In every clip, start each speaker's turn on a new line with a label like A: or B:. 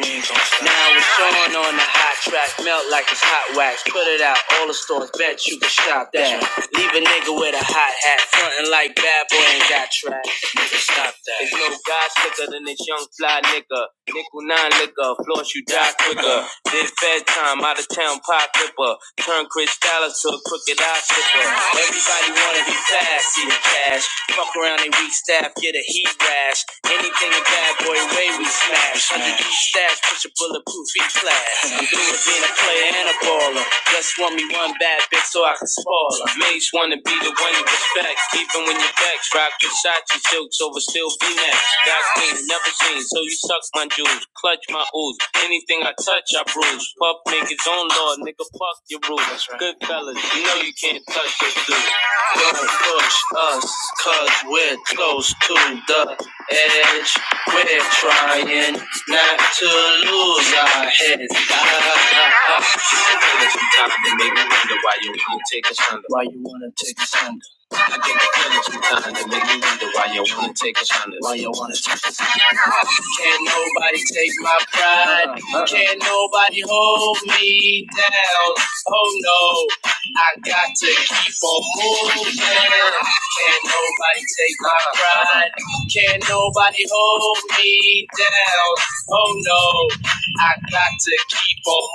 A: Now it's on on the hot track, melt like it's hot wax. Put it out, all the stores, bet you can shop that. Leave a nigga with a hot hat, frontin' like bad boy ain't got track. Nigga, stop that. There's no guy slicker than this young fly nigga. Nickel nine liquor, floss you die quicker. This bedtime, out of town pop flipper. Turn Chris Dallas to a crooked eye slipper. Everybody wanna be fast, see the cash. Fuck around they weak staff, get a heat rash. Anything a bad boy way we smash. Under these stash, push a bulletproof e class. I'm through with being a player and a baller. Just want me one bad bitch so I can spoil her. Mates wanna be the one you respect, even when you're vexed. Rock your shots, your silks over still be next. Got clean, never seen, so you suck my juice. Bruce. Clutch my ooze. Anything I touch, I bruise. Puff make his own law, nigga. Fuck your rules. right. Good fellas, you know you can't touch this dude. Don't push us, cause we're close to the edge. We're trying not to lose our heads. Sometimes they make me wonder why you won't take us under. I get the feeling sometimes they make me wonder why you won't take us under. Can't nobody take my pride. Can't nobody hold me down. Oh no, I got to keep on moving. Can't nobody take my pride. Can't nobody hold me down. Oh no, I got to keep on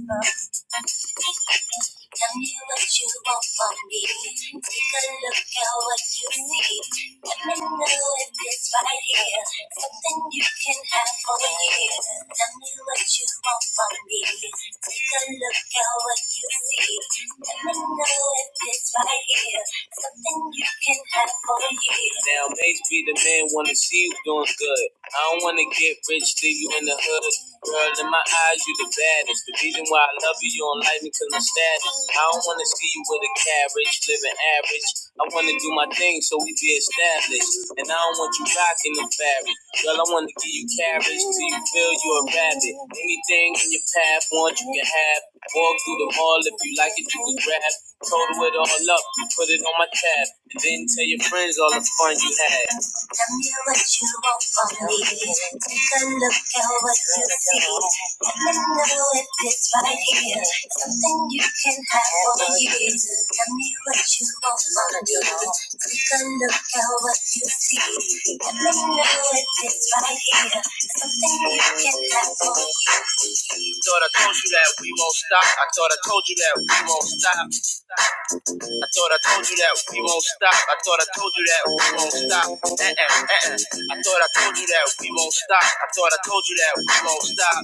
A: moving. Tell me what you want from me. Take a look at what you see. Let me know if it's right here. Something you can have for years. Tell me what you want from me. Take a look at what you see. Let me know if it's right here. Something you can have for years. Now, maybe the man wanna see you doing good. I don't wanna get rich, leave you in the hood. Girl, in my eyes, you the baddest. The reason why I love you, you don't like me cause I'm status. I don't wanna see you with a carriage, living average. I wanna do my thing so we be established. And I don't want you rocking the fabric. Girl, I wanna give you carriage till you feel you a rabbit. Anything in your path, want you can have. Walk through the hall if you like it, you can grab. Total it all up, you put it on my tab. And then tell your friends all the fun you had. Tell me what you want from me. Take a look at what you see. let me know if it's right here. Something you can have for years. Tell me what you want from me. Take a look at what you see. let me know if it's right here. Something you can have for years. I Thought I told you that we won't stop. I thought I told you that we won't stop. I thought I told you that we won't stop. I thought I told you that we won't stop. Uh-uh, uh-uh. I thought I told you that we won't stop. I thought I told you that we won't stop.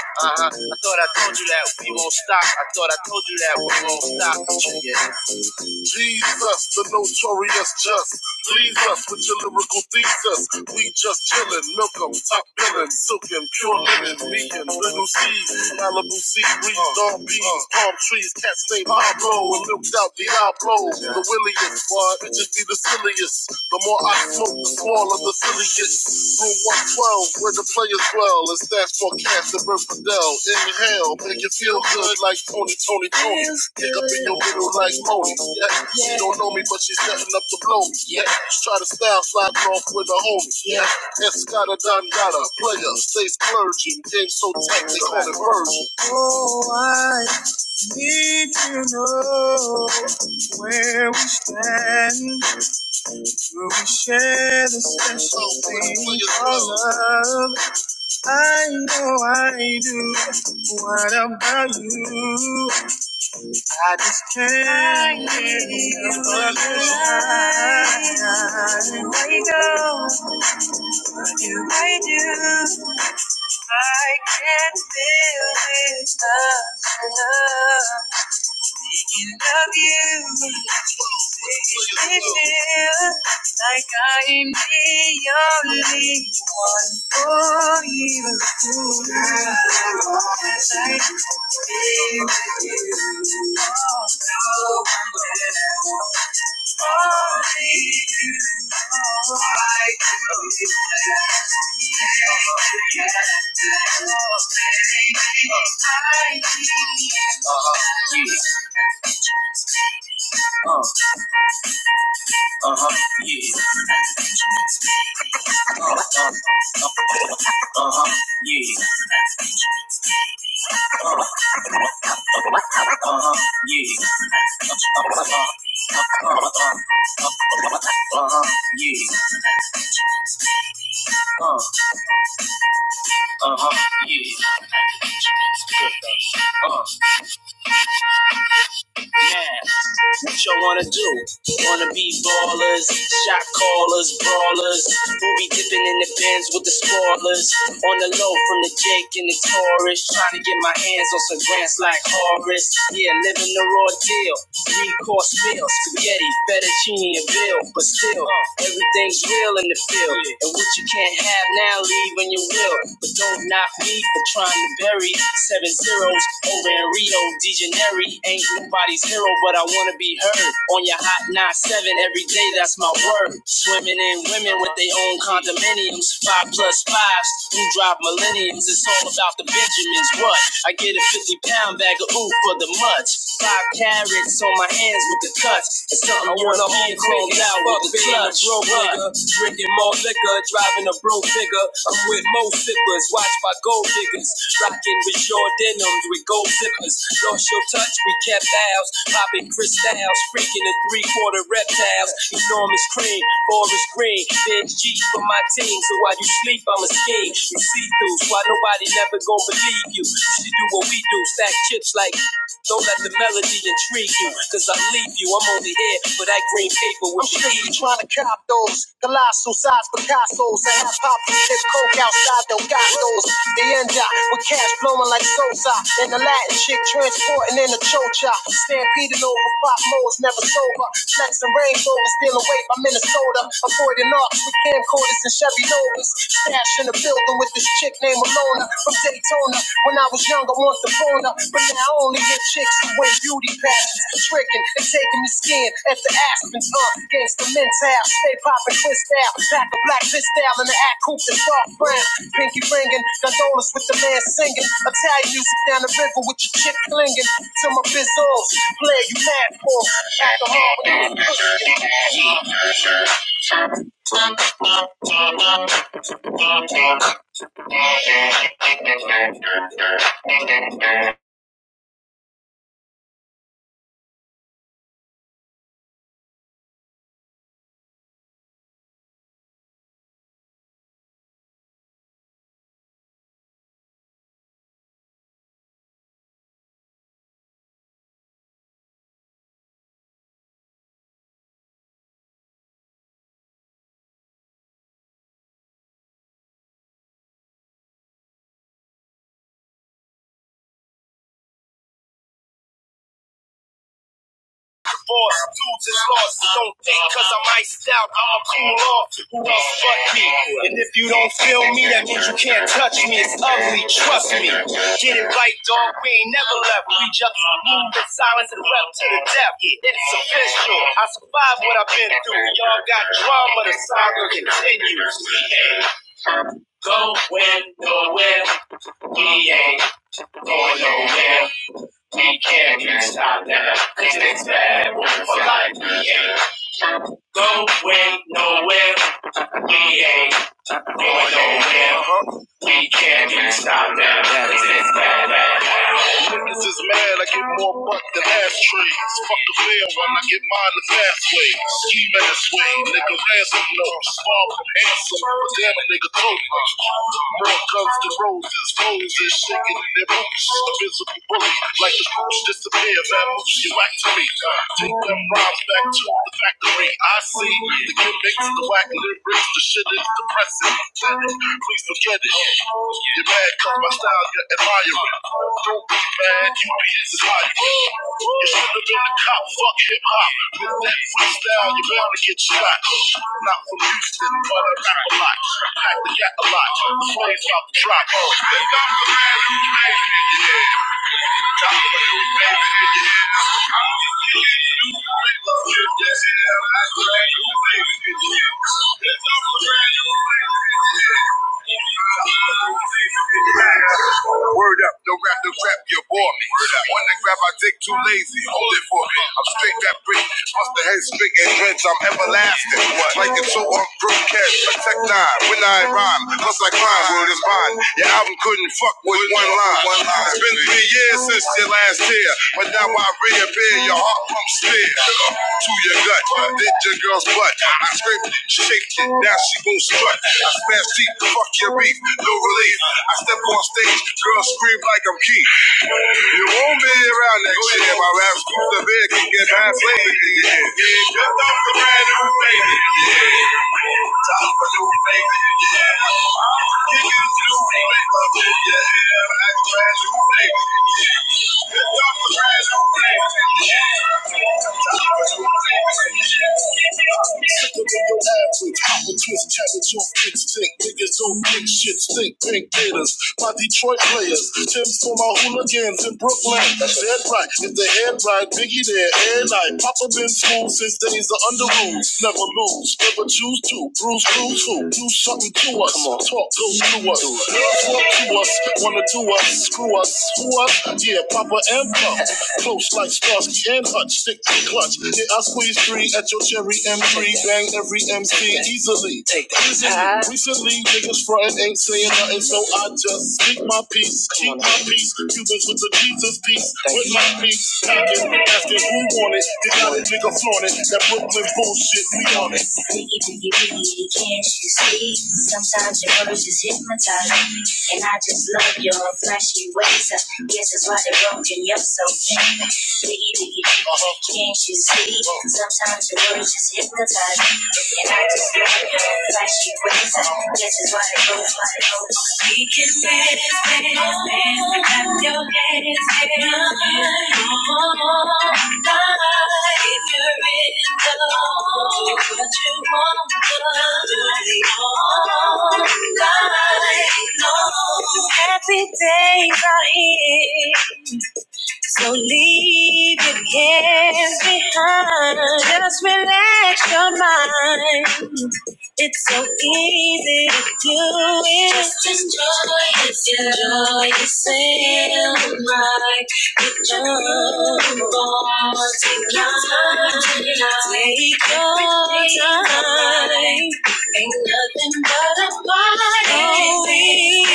A: Uh-huh. I thought I told you that we won't stop. I thought I told you that we won't stop. Jesus, the notorious just. Please us with your lyrical thesis. We just chillin', milk 'em, top billin', silkin', pure linen, meekin', little seeds, Malibu sea breeze, dog peas, palm trees, cats named Pablo, and milked out Diablo, the williest. Why, it just be the silliest. The more I smoke, the smaller the silliest. Room 112, where the players dwell. It's that's for Cast and Bert Fidel. Inhale, make you feel good like Tony, Tony, Tony. Pick up in your middle like Moni. Yeah. She don't know me, but she's setting up to blow me. Yeah. Try to style slide off with a homie. Yeah. Escada Don Dada, player, stay splurging. Game so tight, they call it version. Yeah. Uh-huh. Yeah. Uh-huh. Yeah. Uh-huh. Uh-huh. Uh-huh. Yeah. Uh, uh-huh. yeah uh huh Yeah. uh huh uh huh yeah uh huh yeah Uh, man, what y'all wanna do? Wanna be ballers, shot callers, brawlers. We'll be dipping in the bins with the spoilers. On the low from the Jake and the Taurus. Trying to get my hands on some grants like Horace. Yeah, living the raw deal. Three course meal, spaghetti, fettuccine, and bill. But still, everything's real in the field. And what you can't have now, leave when you will. But don't knock me for trying to Barry, seven zeros over in Rio de Janeiro. Ain't nobody's hero, but I wanna be heard. On your hot 9-7 every day, that's my word. Swimming in women with their own condominiums. Five plus fives, who drive millenniums. It's all about the Benjamins. What? I get a 50 pound bag of ooh for the much. Five carrots on my hands with the cuts. It's something I wanna hold clothes out with the clutch. Broke, Rocking with short denims with gold zippers. Lost your touch, we kept ours. Popping crystals, freaking the three quarter reptiles. Enormous cream, forest green. Bench cheap for my team, so while you sleep, I'm a scheme. You see through, so why nobody never gonna believe you. You should do what we do, stack chips like. Don't let the melody intrigue you, cause I leave you. I'm only here for that green paper people with shit trying to cop those colossal size Picasso's. I have pop this coke outside those gatos. The end up with cash flowing like Sosa and the Latin chick transporting in a chocha. Stampeding over pop modes, never sober. Flexing Range Rover, stealing weight by Minnesota. Avoiding arcs with camcorders and Chevy Novas. Stash in the building with this chick named Alona from Daytona tuna. When I was younger, want the tuna, but now I only hit chicks who win beauty pageants, tricking and taking the skin at the Aspens. Uh, gangsta mental, stay popping twist out, pack a black fist out in the act coupe that's dark brown. Pinky ringing, gondolas with the man singing, Italian music down the river with your chick clinging to my bizzles. Play you mad for alcohol. is lost. Don't think cause I'm iced out, I'ma cool off. Who else but me? And if you don't feel me, that means you can't touch me. It's ugly, trust me. Get it right, dog. We ain't never left. We just moved in silence and wept to the death. It's official. I survived what I've been through. Y'all got drama, the saga continues. Ain't no man, we can't be stopped now. Cause it's bad for life. We ain't going nowhere. We ain't Going over there, we can't even stop that. This is bad, bad, bad. Niggas is mad, I get more butt than ass trees. Fuck the fair one, I get mine the fast way. Ski ass way, nigga ransom notes. Far from handsome, but damn a nigga throatless. More guns than roses, roses shaking in their boots. Invisible bully, like the boots disappear, man. Moves you back to me. Take them rhymes back to the factory. I see the gimmick the whack lyrics, the shit is depressing. Please forget it. You're mad cause my style you're admiring. Don't be mad, you be inspired. You should have been a cop, fuck hip hop. With that freestyle, you're bound to get shot. Not from Houston, but I rap a lot. Pack the gat a lot. The flames about to drop. Think I'm the man who made it, yeah. Made it, made it, yeah. Yes, yeah, that's the yeah. the man who made Word up, don't grab the crap, you bore me. When to grab, I dick too lazy. Hold it for me. I'm straight that brick. Bust the head spick and drench, I'm everlasting. Like a two on brook protect nine. When I rhyme, plus I climb, word is mine. Your album couldn't fuck with one line. It's been three years years since your last tear, but now I reappear. Your heart pumps still to your gut, did your girl's butt. I scraped it, shaped it, now she gon' strut. I smash deep, fuck your beef, no relief. I step on stage, girl scream like I'm Keith. You won't be around next year. My rap's cool, the bed can get bad Sicker than your average. I'm a twist cabbage on big stick. Niggas don't big shit stink. Pink haters. My Detroit players. Tim's for my hooligans in Brooklyn. Dead right. If the head right, Biggie there. And I. Papa been school since days of under rules. Never lose. Never choose to. Bruce, Bruce, who? Do something to us. Come on. Talk, go to us. Girls want to us. Wanna do us. Screw us. Who us? Yeah, Papa and Pump. Close like Starsky and Hutch, stick to clutch. Yeah, I squeeze three at your cherry M3, bang every MC easily. Take that. Ah. Recently, niggas frontin' ain't saying nothing, so I just speak my peace, keep my peace. Cubans with the Jesus peace, with my peace. Packing, asking who want it, they got a nigga flaunt it. That Brooklyn bullshit, we on it. Biggie, biggie, biggie, can't you see? Sometimes your words just hypnotize me. And I just love your flashy ways. Guess that's why they're broken you up so bad. Biggie, biggie, biggie, can't you see? Sometimes your words just hypnotize and I just got it like she waits. This is what it goes, what it goes. We can dance, dance, dance. Clap your hands, hands, hands. If you're in love, what you want, love, do it all night long. Happy days are here, so leave your cares behind. Just relax your mind. It's so easy to do it. Just enjoy it. Enjoy it. Sail like a boat. Take your time. Take your time. Ain't nothing but a party. Feeling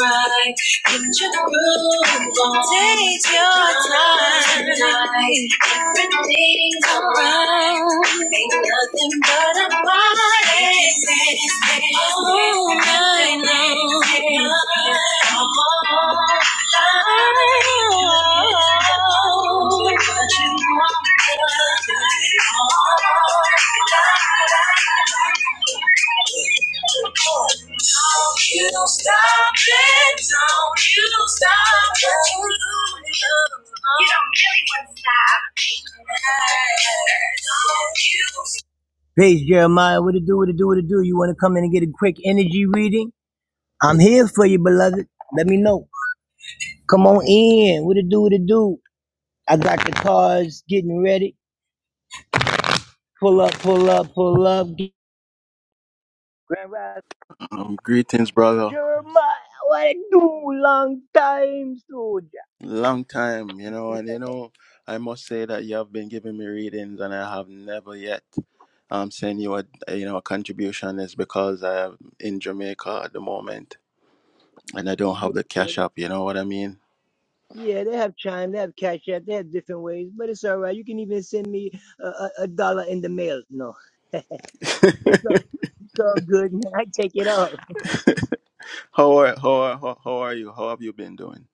A: right, get your groove on. night. Everything's alright. Ain't nothing but a party. All night long. All night long. What you want, girl? All you stop it, don't you stop it. You don't really want that.
B: Um, greetings, brother. Long time, you know, and you know, I must say that you have been giving me readings, and I have never yet um sent you a you know a contribution. Is because I am in Jamaica at the moment, and I don't have the cash up. You know what I mean? how are how are how, how are you? How have you been doing?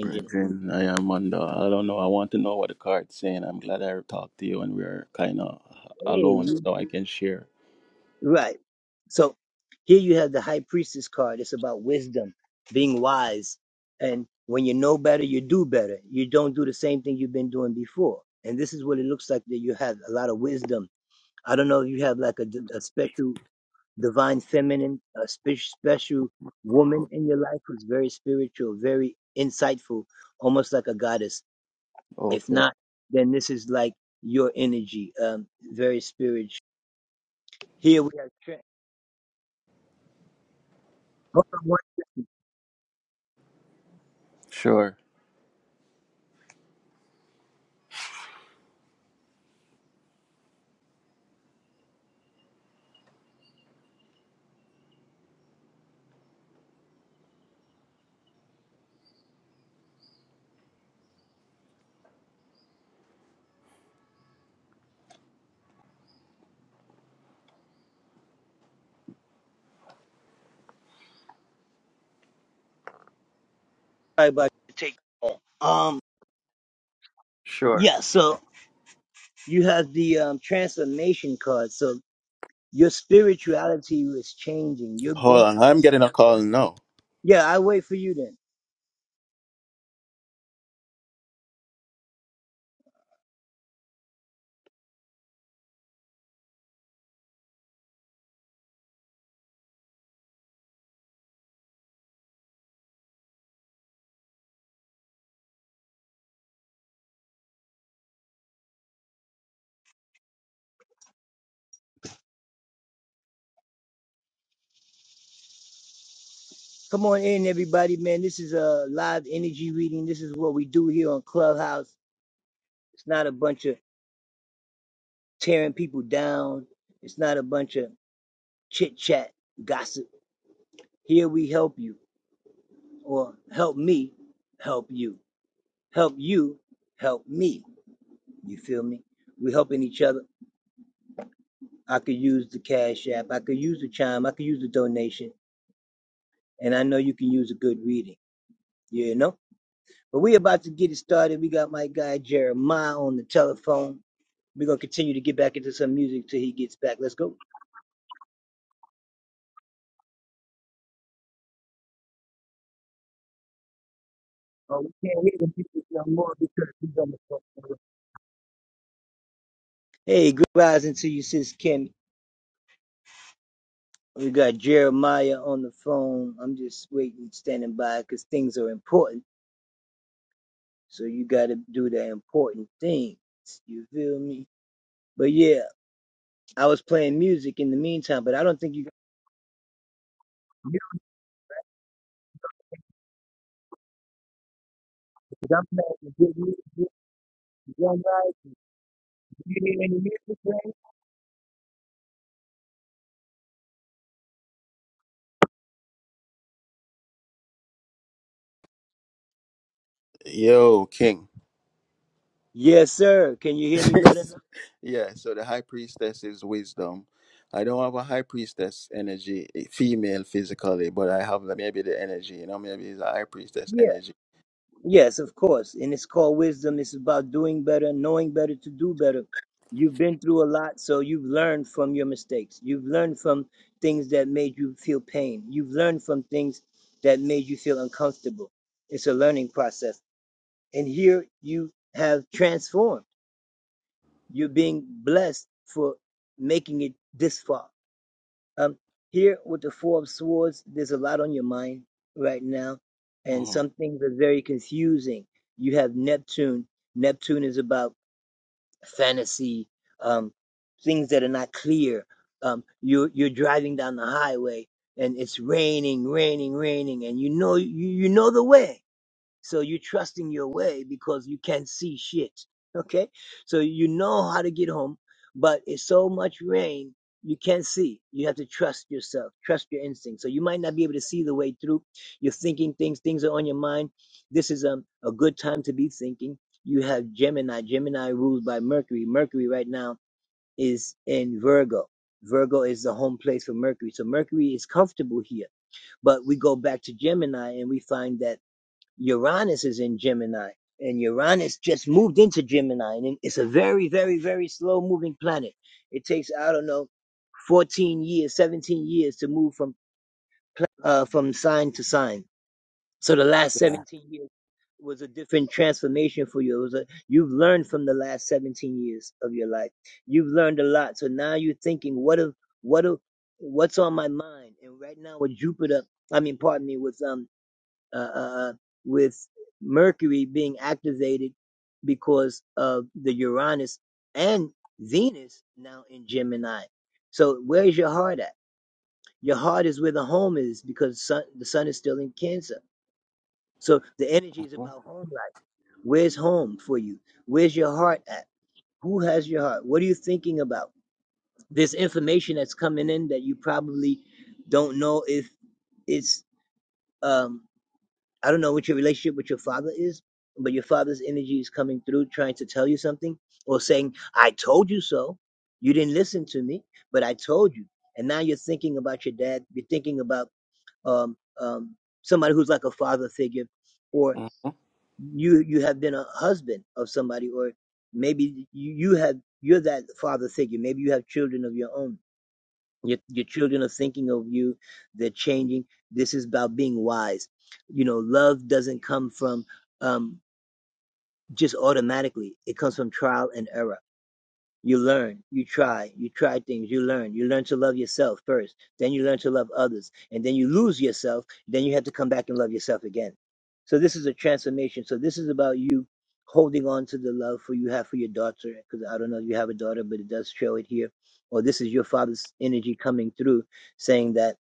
B: Brethren, I am on the. I don't know. I want to know what the card's saying. I'm glad I talked to you, and we're kind of alone, so I can share. Okay. Sure. Sure. Hold on, I'm getting a call now. Yo, King. yeah, so the high priestess is wisdom. I don't have a high priestess energy, eh, female physically, but I have the- maybe the energy, you know, maybe it's a high priestess energy. hmm Yeah. hmm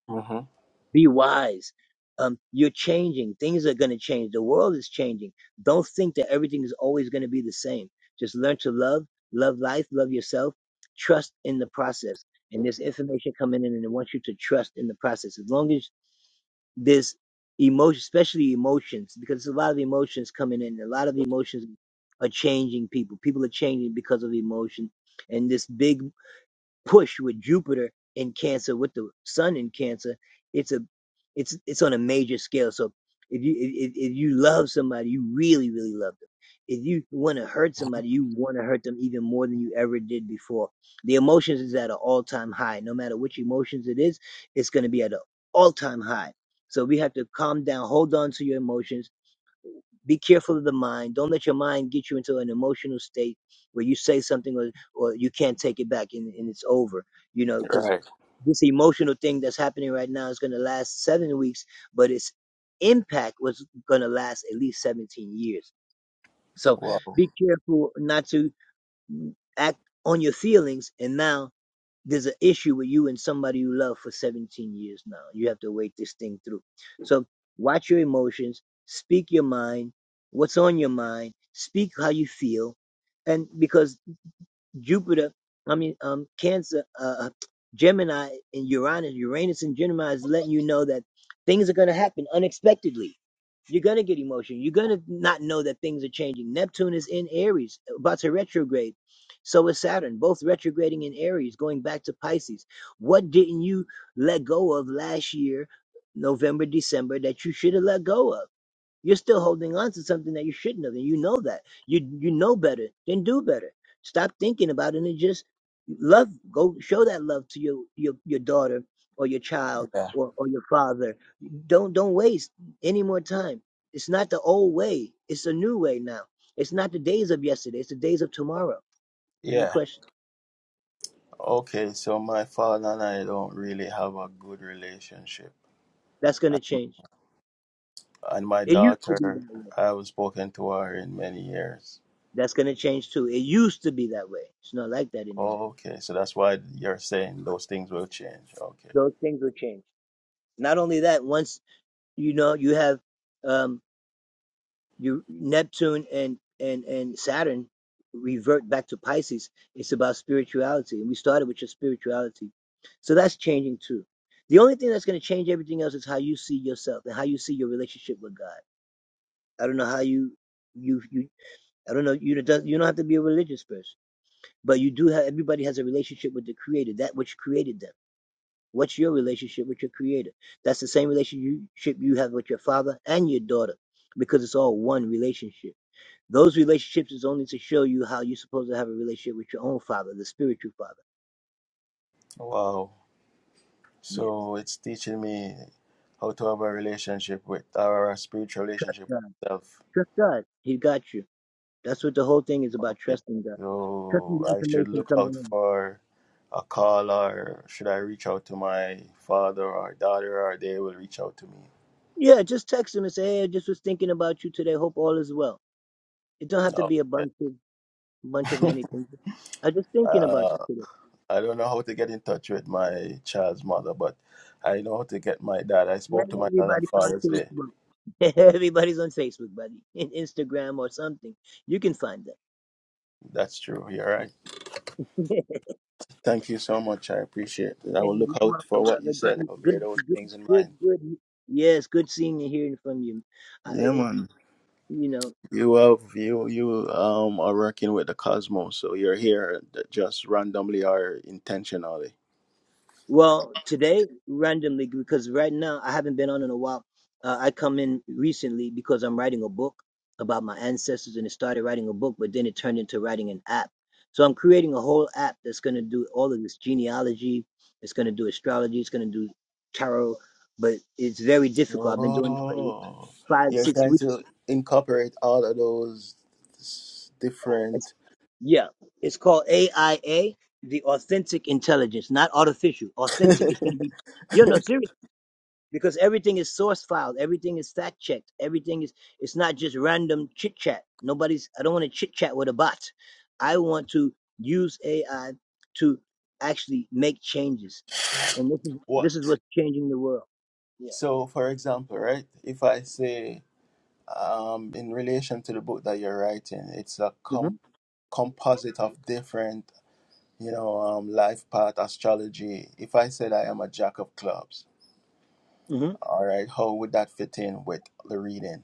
B: hmm Right. Wow. Yeah. Yeah. Okay, so my father and I don't really have a good relationship. And my daughter, I haven't spoken to her in many years. Oh, okay. So that's why you're saying those things will change. Okay. Wow. So it's teaching me how to have a relationship with or a spiritual relationship with self. Okay. So I should look out for a call or should I reach out to my father or daughter or they will reach out to me. No. Okay. Uh, I don't know how to get in touch with my child's mother, but I know how to get my dad. I spoke to my dad on Father's Day. That's true. You're right. Thank you so much. I appreciate it. I will look out for what you said. I'll bear those things in mind. Yeah, man. You have you you um are working with the cosmos, so you're here that just randomly or intentionally. Oh, you're trying to incorporate all of those s- different what? So, for example, right? If I say, um, in relation to the book that you're writing, it's a com- composite of different, you know, um, life path astrology. If I said I am a jack of clubs, all right, how would that fit in with the reading?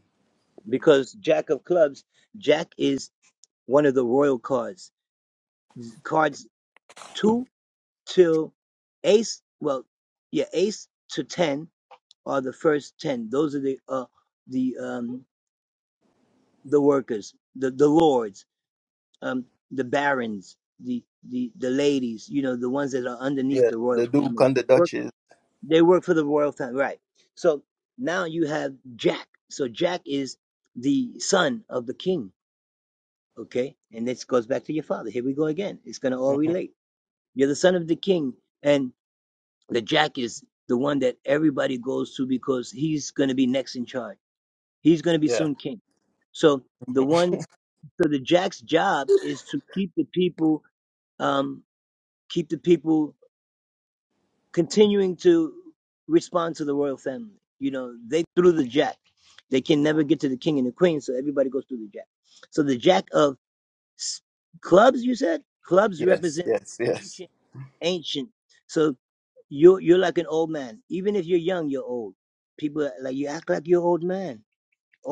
B: Yeah, the Duke and the Duchess. hmm Yeah. yes, yes, yes.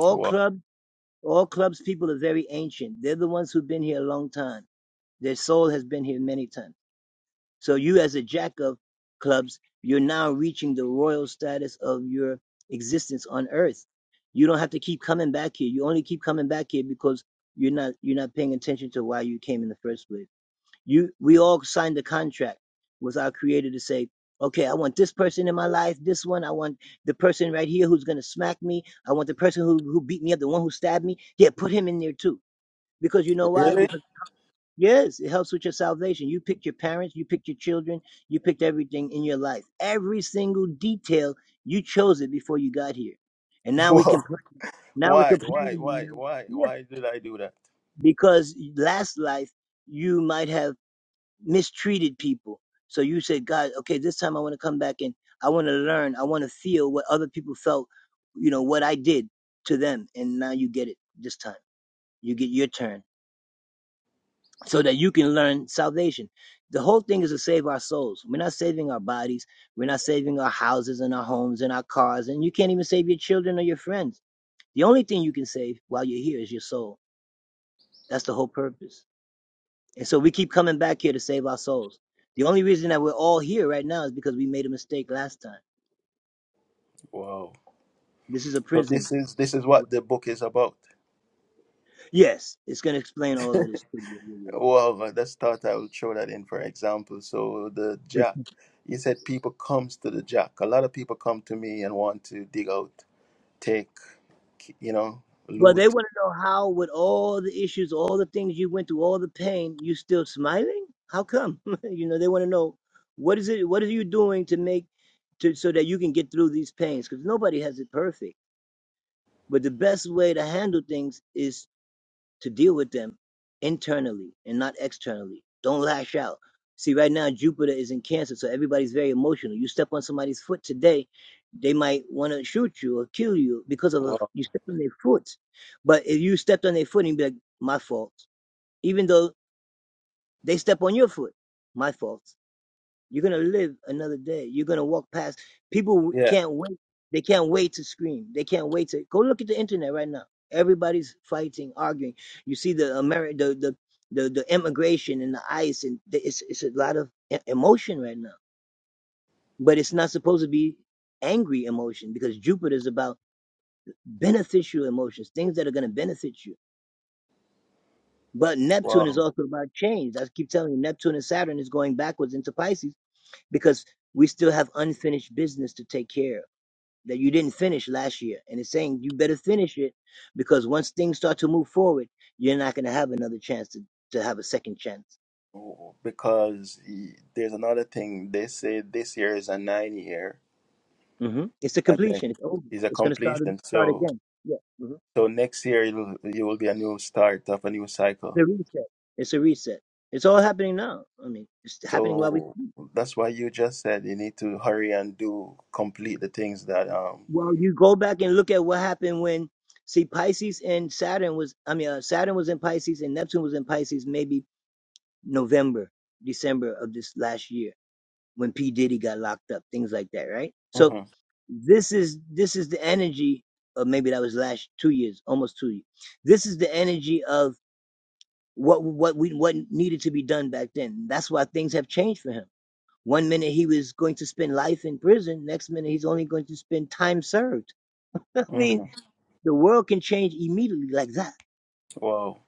B: Wow. Really? Wow. Why? Why? Why? Why? Why did I do that? Wow. So this is this is what the book is about. Well, uh, let's start. I will throw that in for example. So the jack, you said people comes to the jack. A lot of people come to me and want to dig out, take, you know, loot. Wow. Yeah. Wow. Because y- there's another thing they say this year is a nine year, and then is a completion. So so next year it will, it will be a new start of a new cycle. So that's why you just said you need to hurry and do complete the things that um hmm hmm Wow.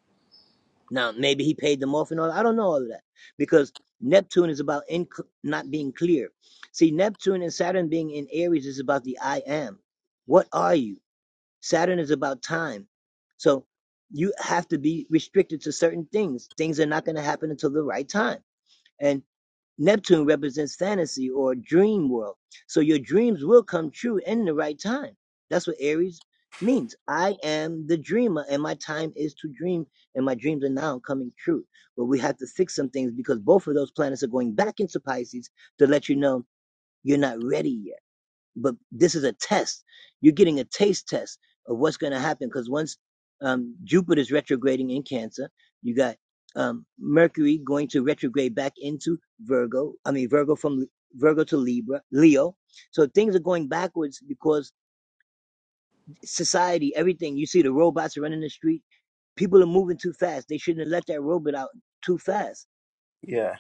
B: Yeah.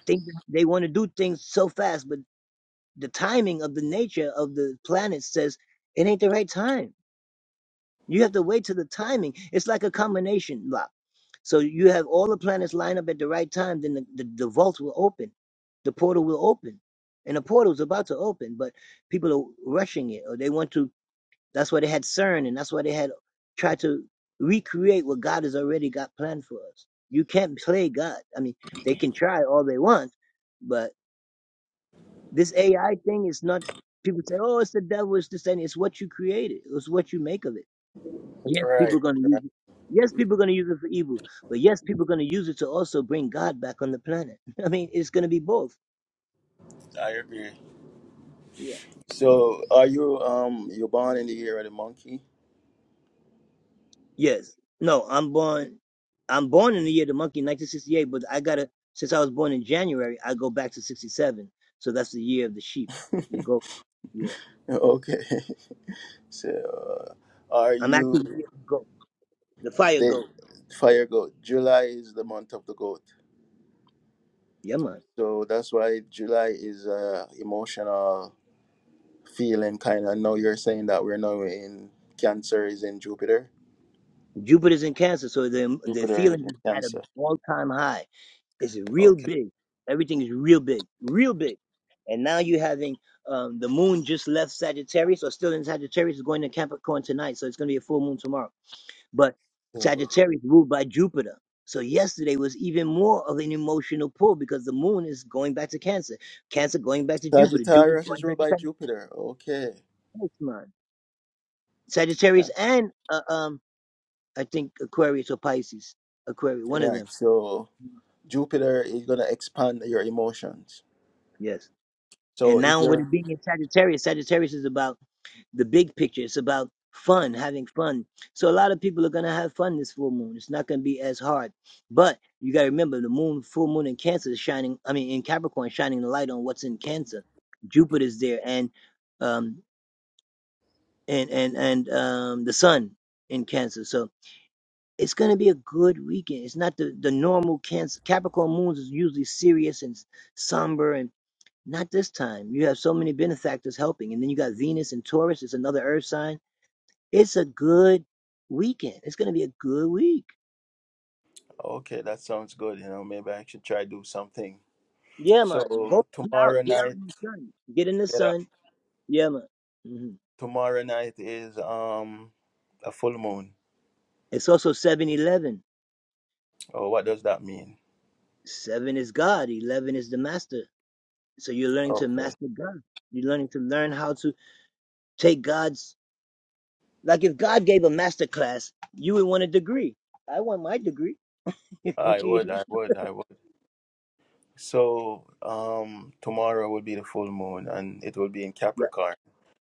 B: Right. I agree. So are you um you're born in the year of the monkey? Okay. So uh, are you the fire goat? July is the month of the goat. So that's why July is a emotional feeling kind of. know you're saying that we're now in Cancer is in Jupiter. Jupiter is in Cancer. So Sagittarius is ruled by Jupiter. Okay. Yeah. Right. So Jupiter is gonna expand your emotions. So if you're okay, that sounds good. You know, maybe I should try do something. So tomorrow night, get up. Tomorrow night is um a full moon. Oh, what does that mean? Okay. I would, I would, I would. So um tomorrow will be the full moon and it will be in Capricorn.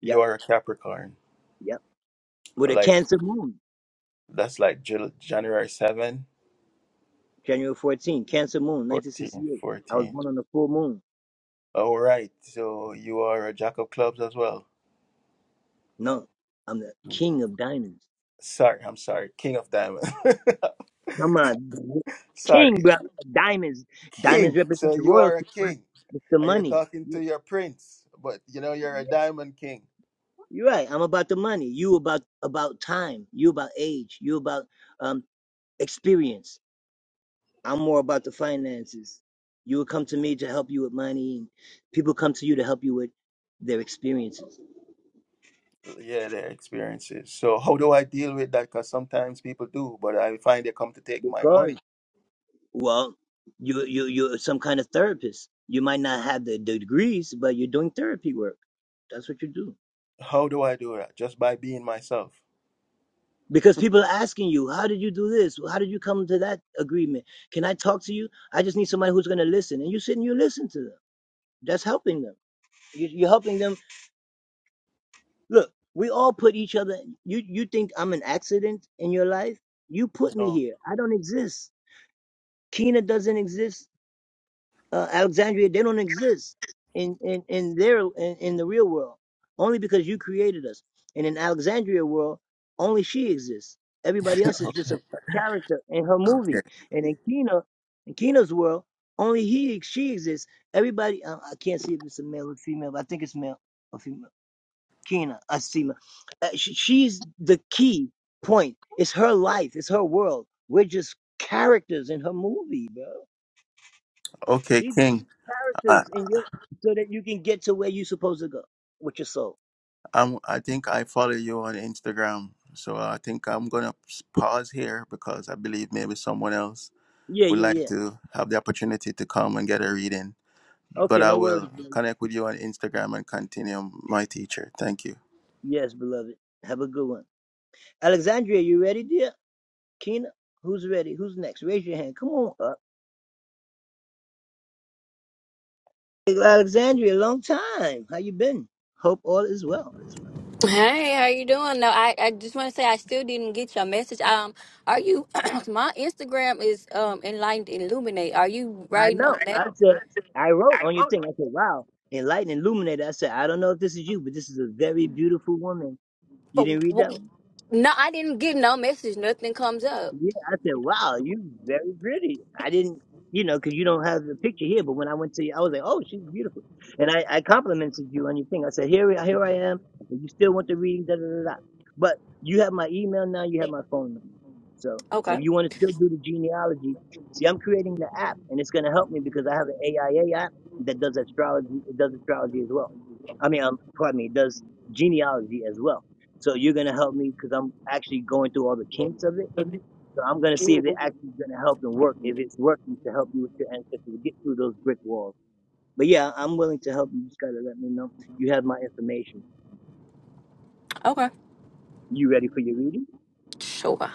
B: You are a Capricorn. Like That's like Jul- January 7, 14, fourteen. All right. So you are a jack of clubs as well. Mm. Sorry, I'm sorry. King of diamonds. sorry. King. So you are a king. And you're talking to your prince, but you know, you're a diamond king. Yeah, their experiences. So how do I deal with that? Because sometimes people do, but I find they come to take my money. How do I do that? Just by being myself. You know. Okay, okay, King. I'm, I think I follow you on Instagram. So I think I'm going to pause here because I believe maybe someone else would like to have the opportunity to come and get a reading. But I will connect with you on Instagram and continue my teacher. Thank you.
C: Hey, how you doing? No, I, I just want to say I still didn't get your message. Um, are you? my Instagram is um enlightened illuminate. Are you writing on I that? know. But wh- no, I didn't get no message. Nothing comes up. Okay. Okay. Sure.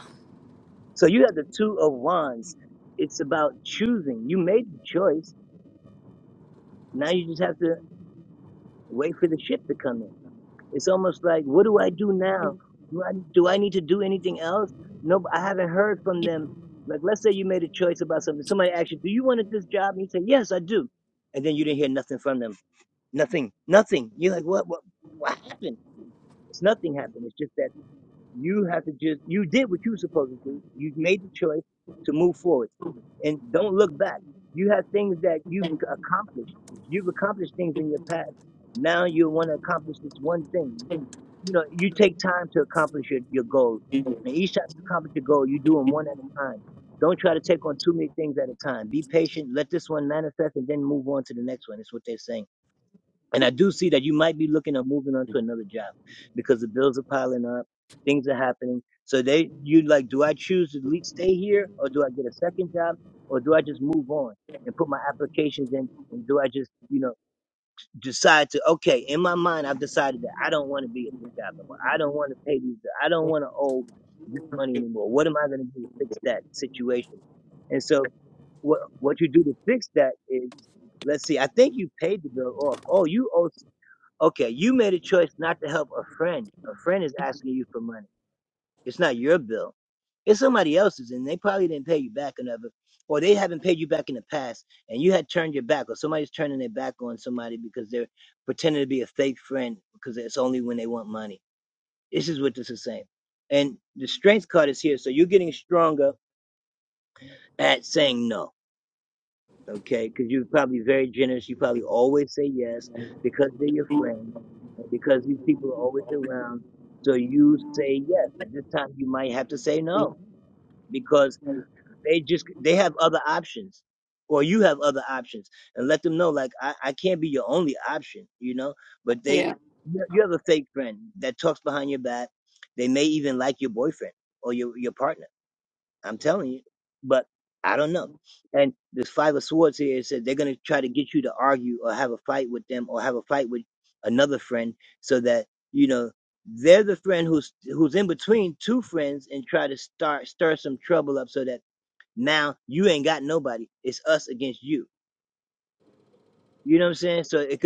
C: Yeah.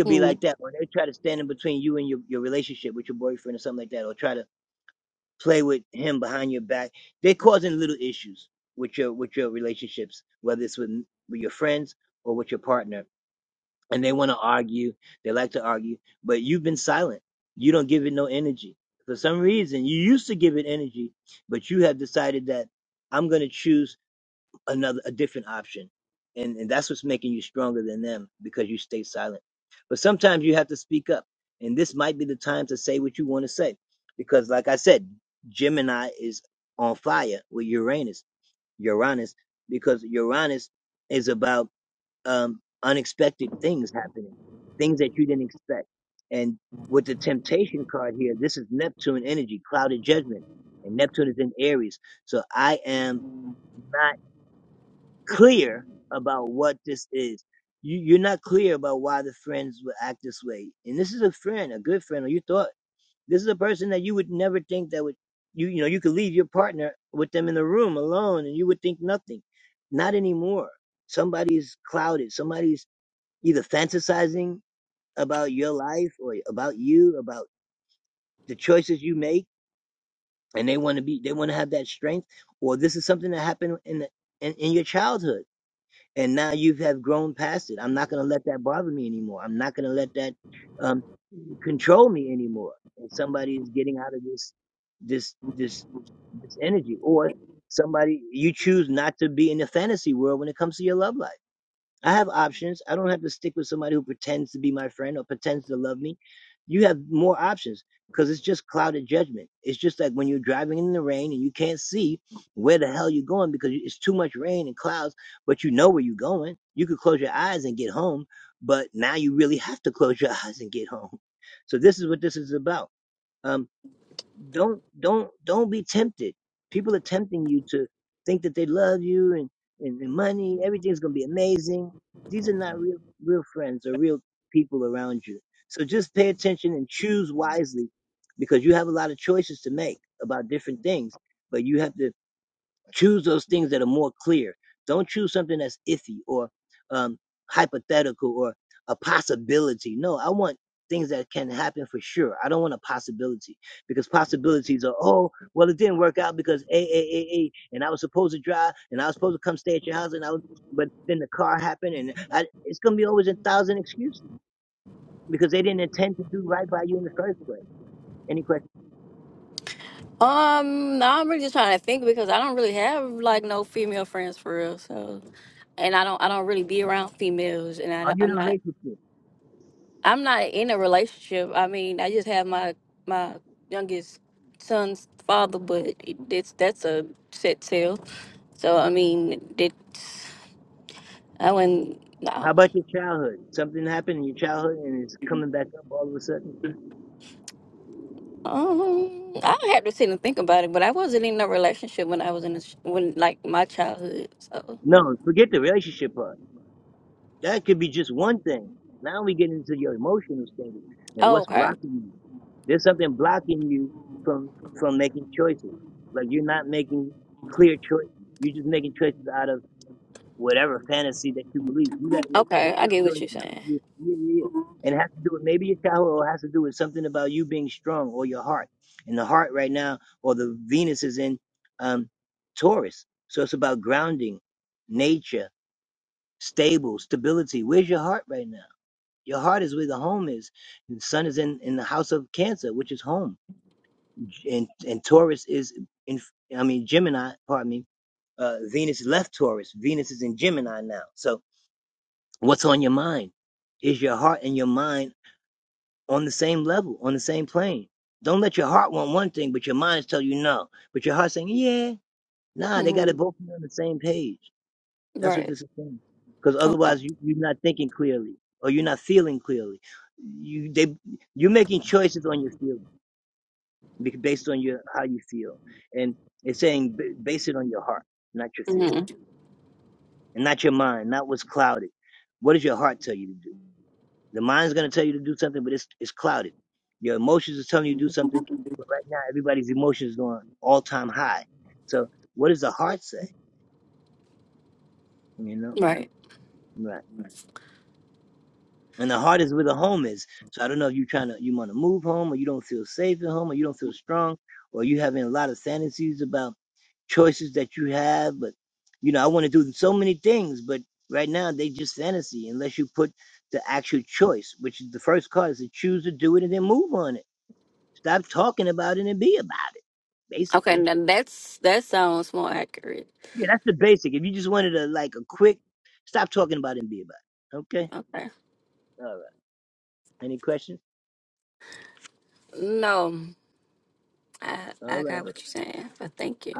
C: Mm. Um, no, I'm really just trying to think because I don't really have like no female friends for real. So, and I don't, I don't really be around females, and I, don't- I'm not. I'm not in a relationship. I mean, I just have my my youngest son's father, but it, it's that's a set sale. So I mean, that's I wouldn't. No, um, I don't have to sit and think about it. But I wasn't in a relationship when I was in a, sh- when like my childhood. So oh, okay, okay, I get what you're saying. hmm Right. Okay. hmm Right. Okay. Now that's that sounds more accurate. Okay. No. I I got what you're saying, but thank you.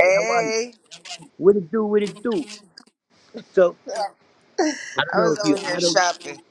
D: Hey, I was over here shopping.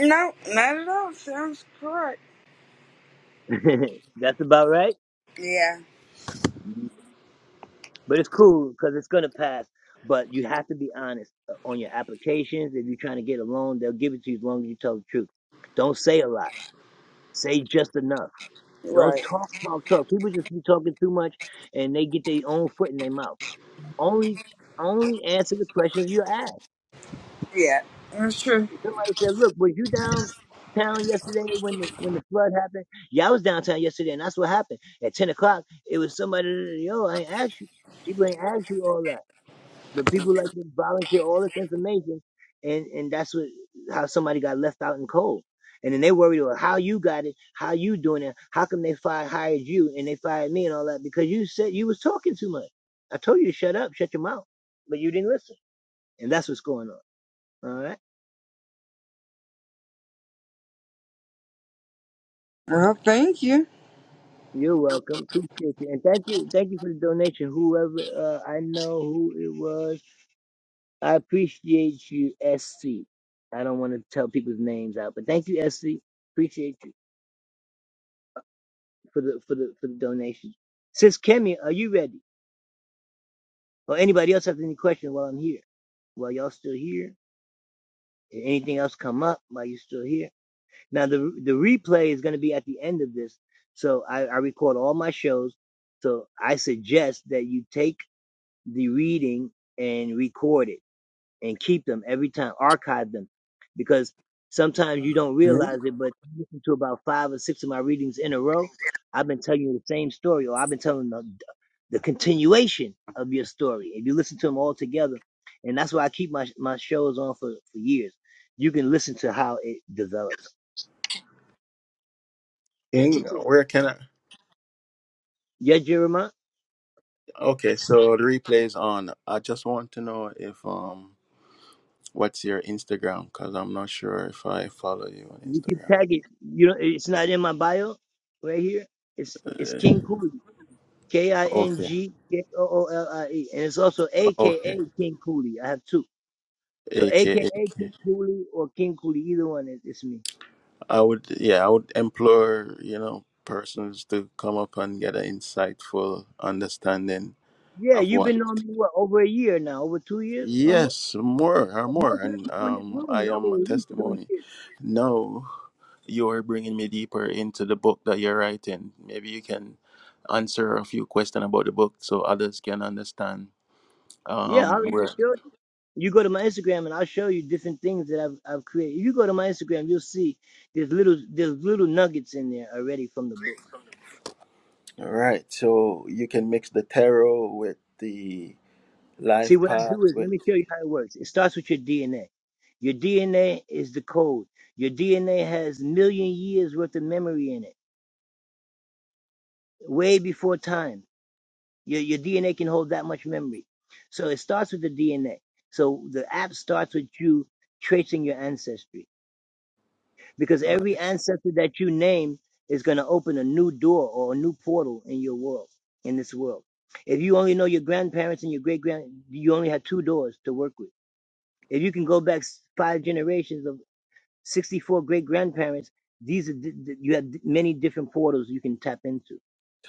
D: No, not at all. Sounds correct. Yeah, right. Yeah, that's true. Well, thank you.
B: Ing, Ing, where can I? Okay, so the replay is on. I just want to know if um, what's your Instagram? Because I'm not sure if I follow you on Instagram. Uh, okay, okay, AKA. I would, yeah, I would implore, you know, persons to come up and get an insightful understanding of what. Yes, more or more, and um, I am a testimony. Now, you are bringing me deeper into the book that you're writing. Maybe you can answer a few questions about the book so others can understand. Um, where all right, so you can mix the tarot with the life path with. Right.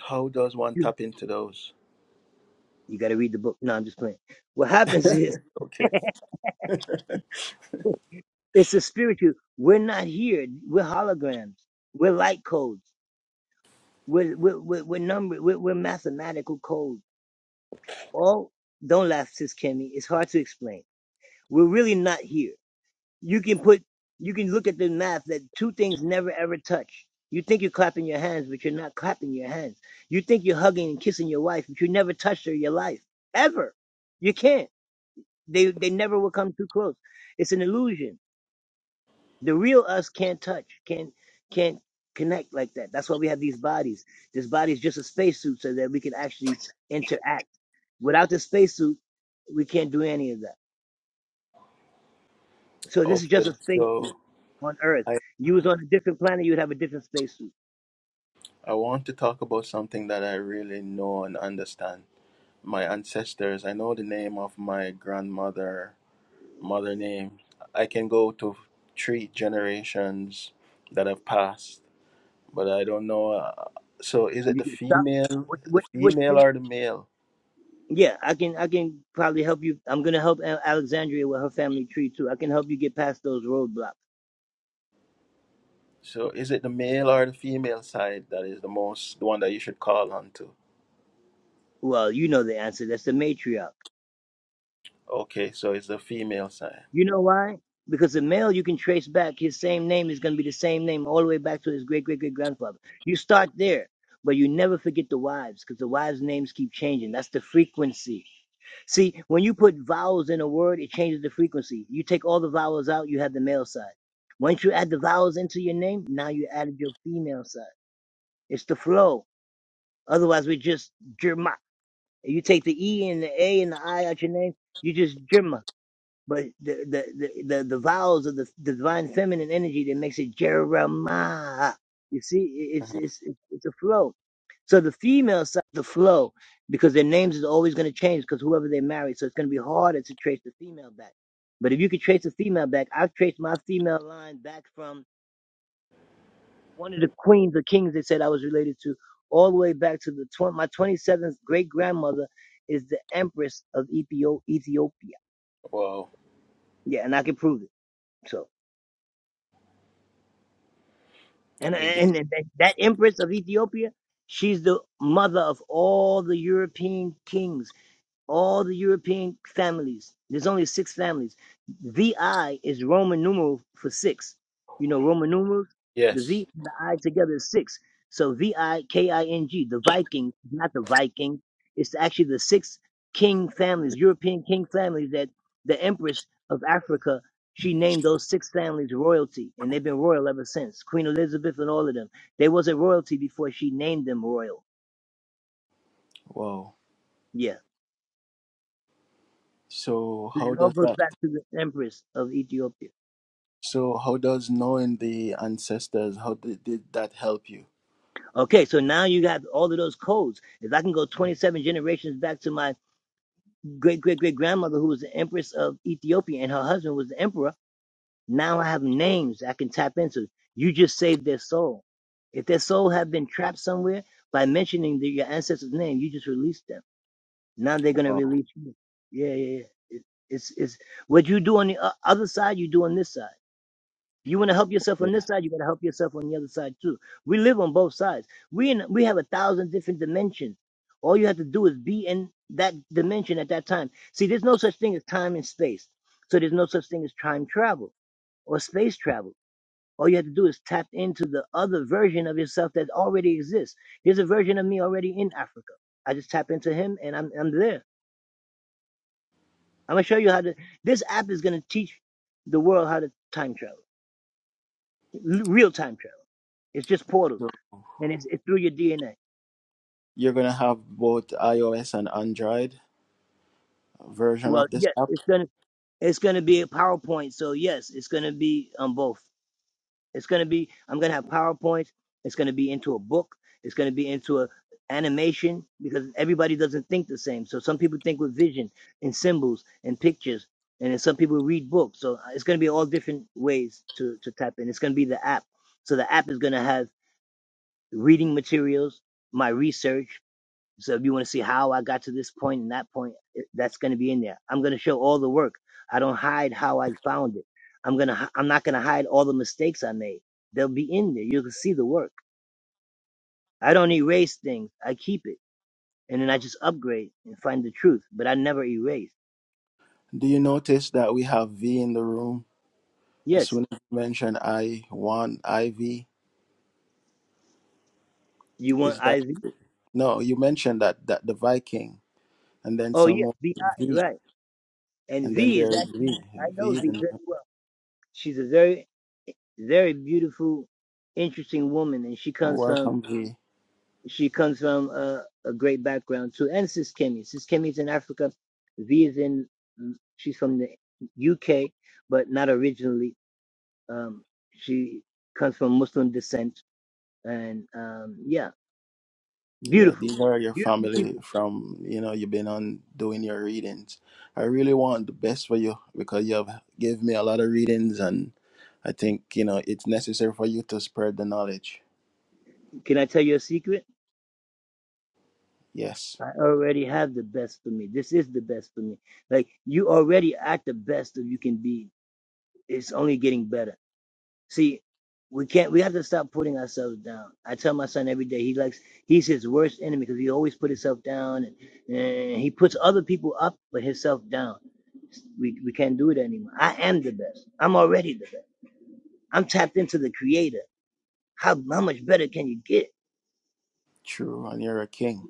B: How does one tap into those? Okay. Okay. So I I want to talk about something that I really know and understand. My ancestors. I know the name of my grandmother, mother name. I can go to three generations that have passed, but I don't know. Uh, so is it the female, the female or the male? So is it the male or the female side that is the most the one that you should call on to? Okay, so it's the female side. Mhm. Wow, indeed. Yes. Wow. So how does that? So how does knowing the ancestors how did, did that help you? Wow. Yeah. So you're gonna have both iOS and Android version of this app. Do you notice that we have V in the room? As soon as you mention I one IV, is that no? You mentioned that that the Viking and then someone V and then there's V. V is in welcome V. Yeah, these are your family from, you know, you've been on doing your readings. I really want the best for you because you have gave me a lot of readings and I think, you know, it's necessary for you to spread the knowledge. Yes, true, and you're a king.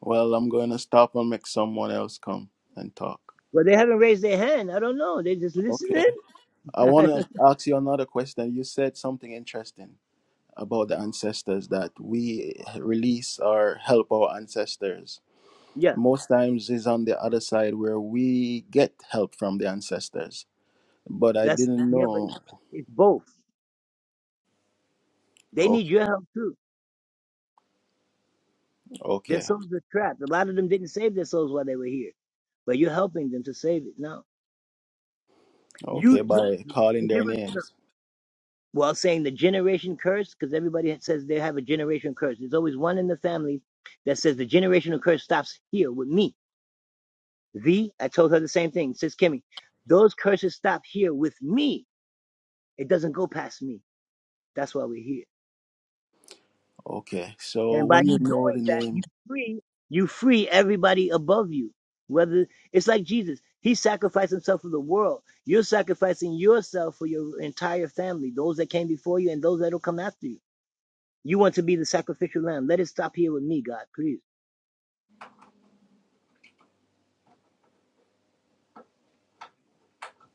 B: Well, I'm going to stop and make someone else come and talk. Okay. I want to ask you another question. You said something interesting about the ancestors that we release or help our ancestors. Most times is on the other side where we get help from the ancestors. But I didn't know. Okay, okay, okay, by calling their names. Okay, so when you know the name,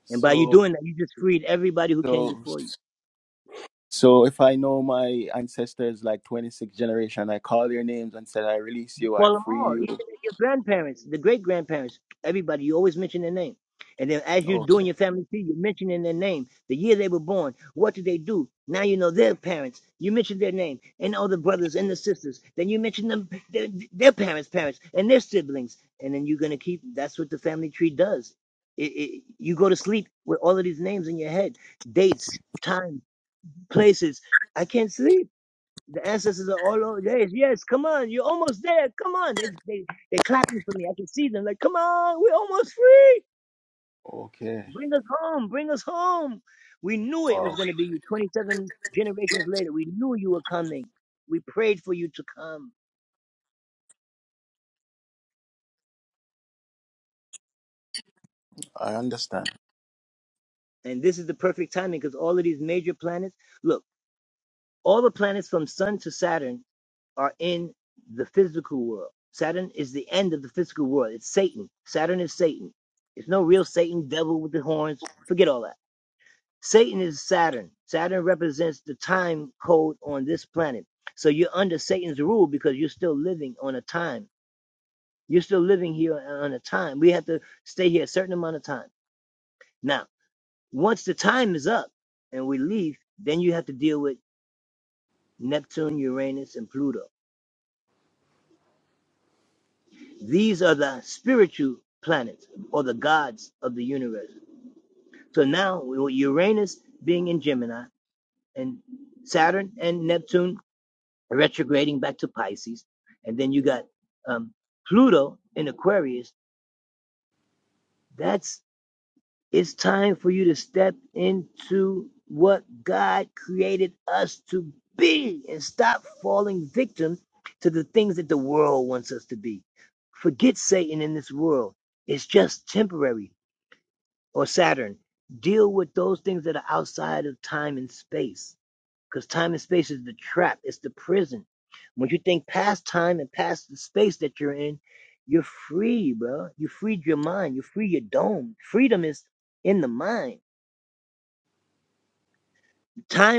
B: so so so if I know my ancestors like 26 generation, I call their names and said, I release you, I free you. Okay, okay, wow, I understand.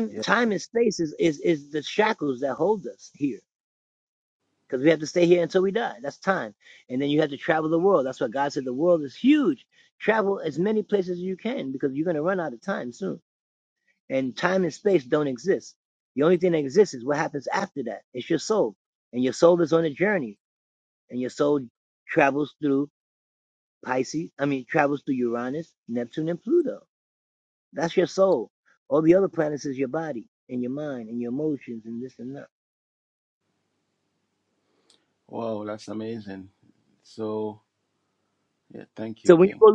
B: Yeah, wow, that's amazing. So yeah, thank you, King.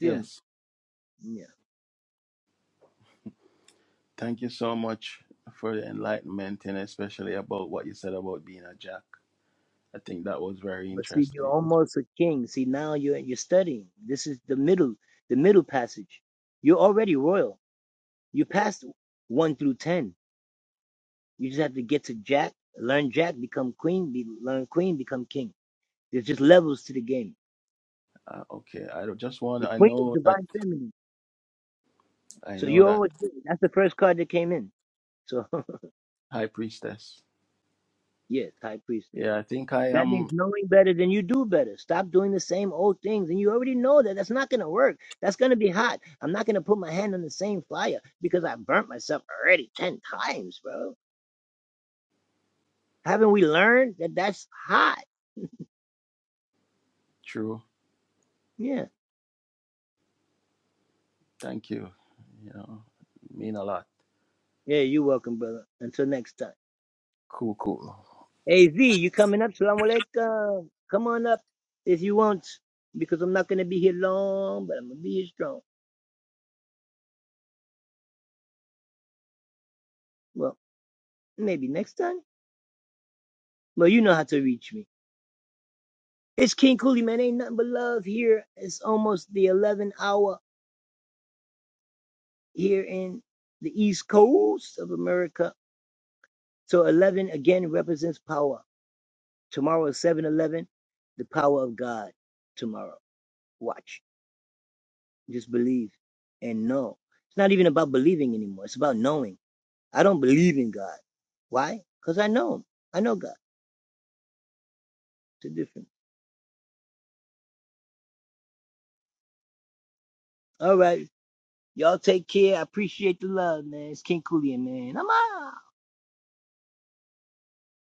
B: Yes. Thank you so much for the enlightenment and especially about what you said about being a jack. I think that was very interesting. Uh, okay, I don't- just want I know that I know that high priestess. Yeah, I think I am true. Thank you. You know, mean a lot. Cool, cool.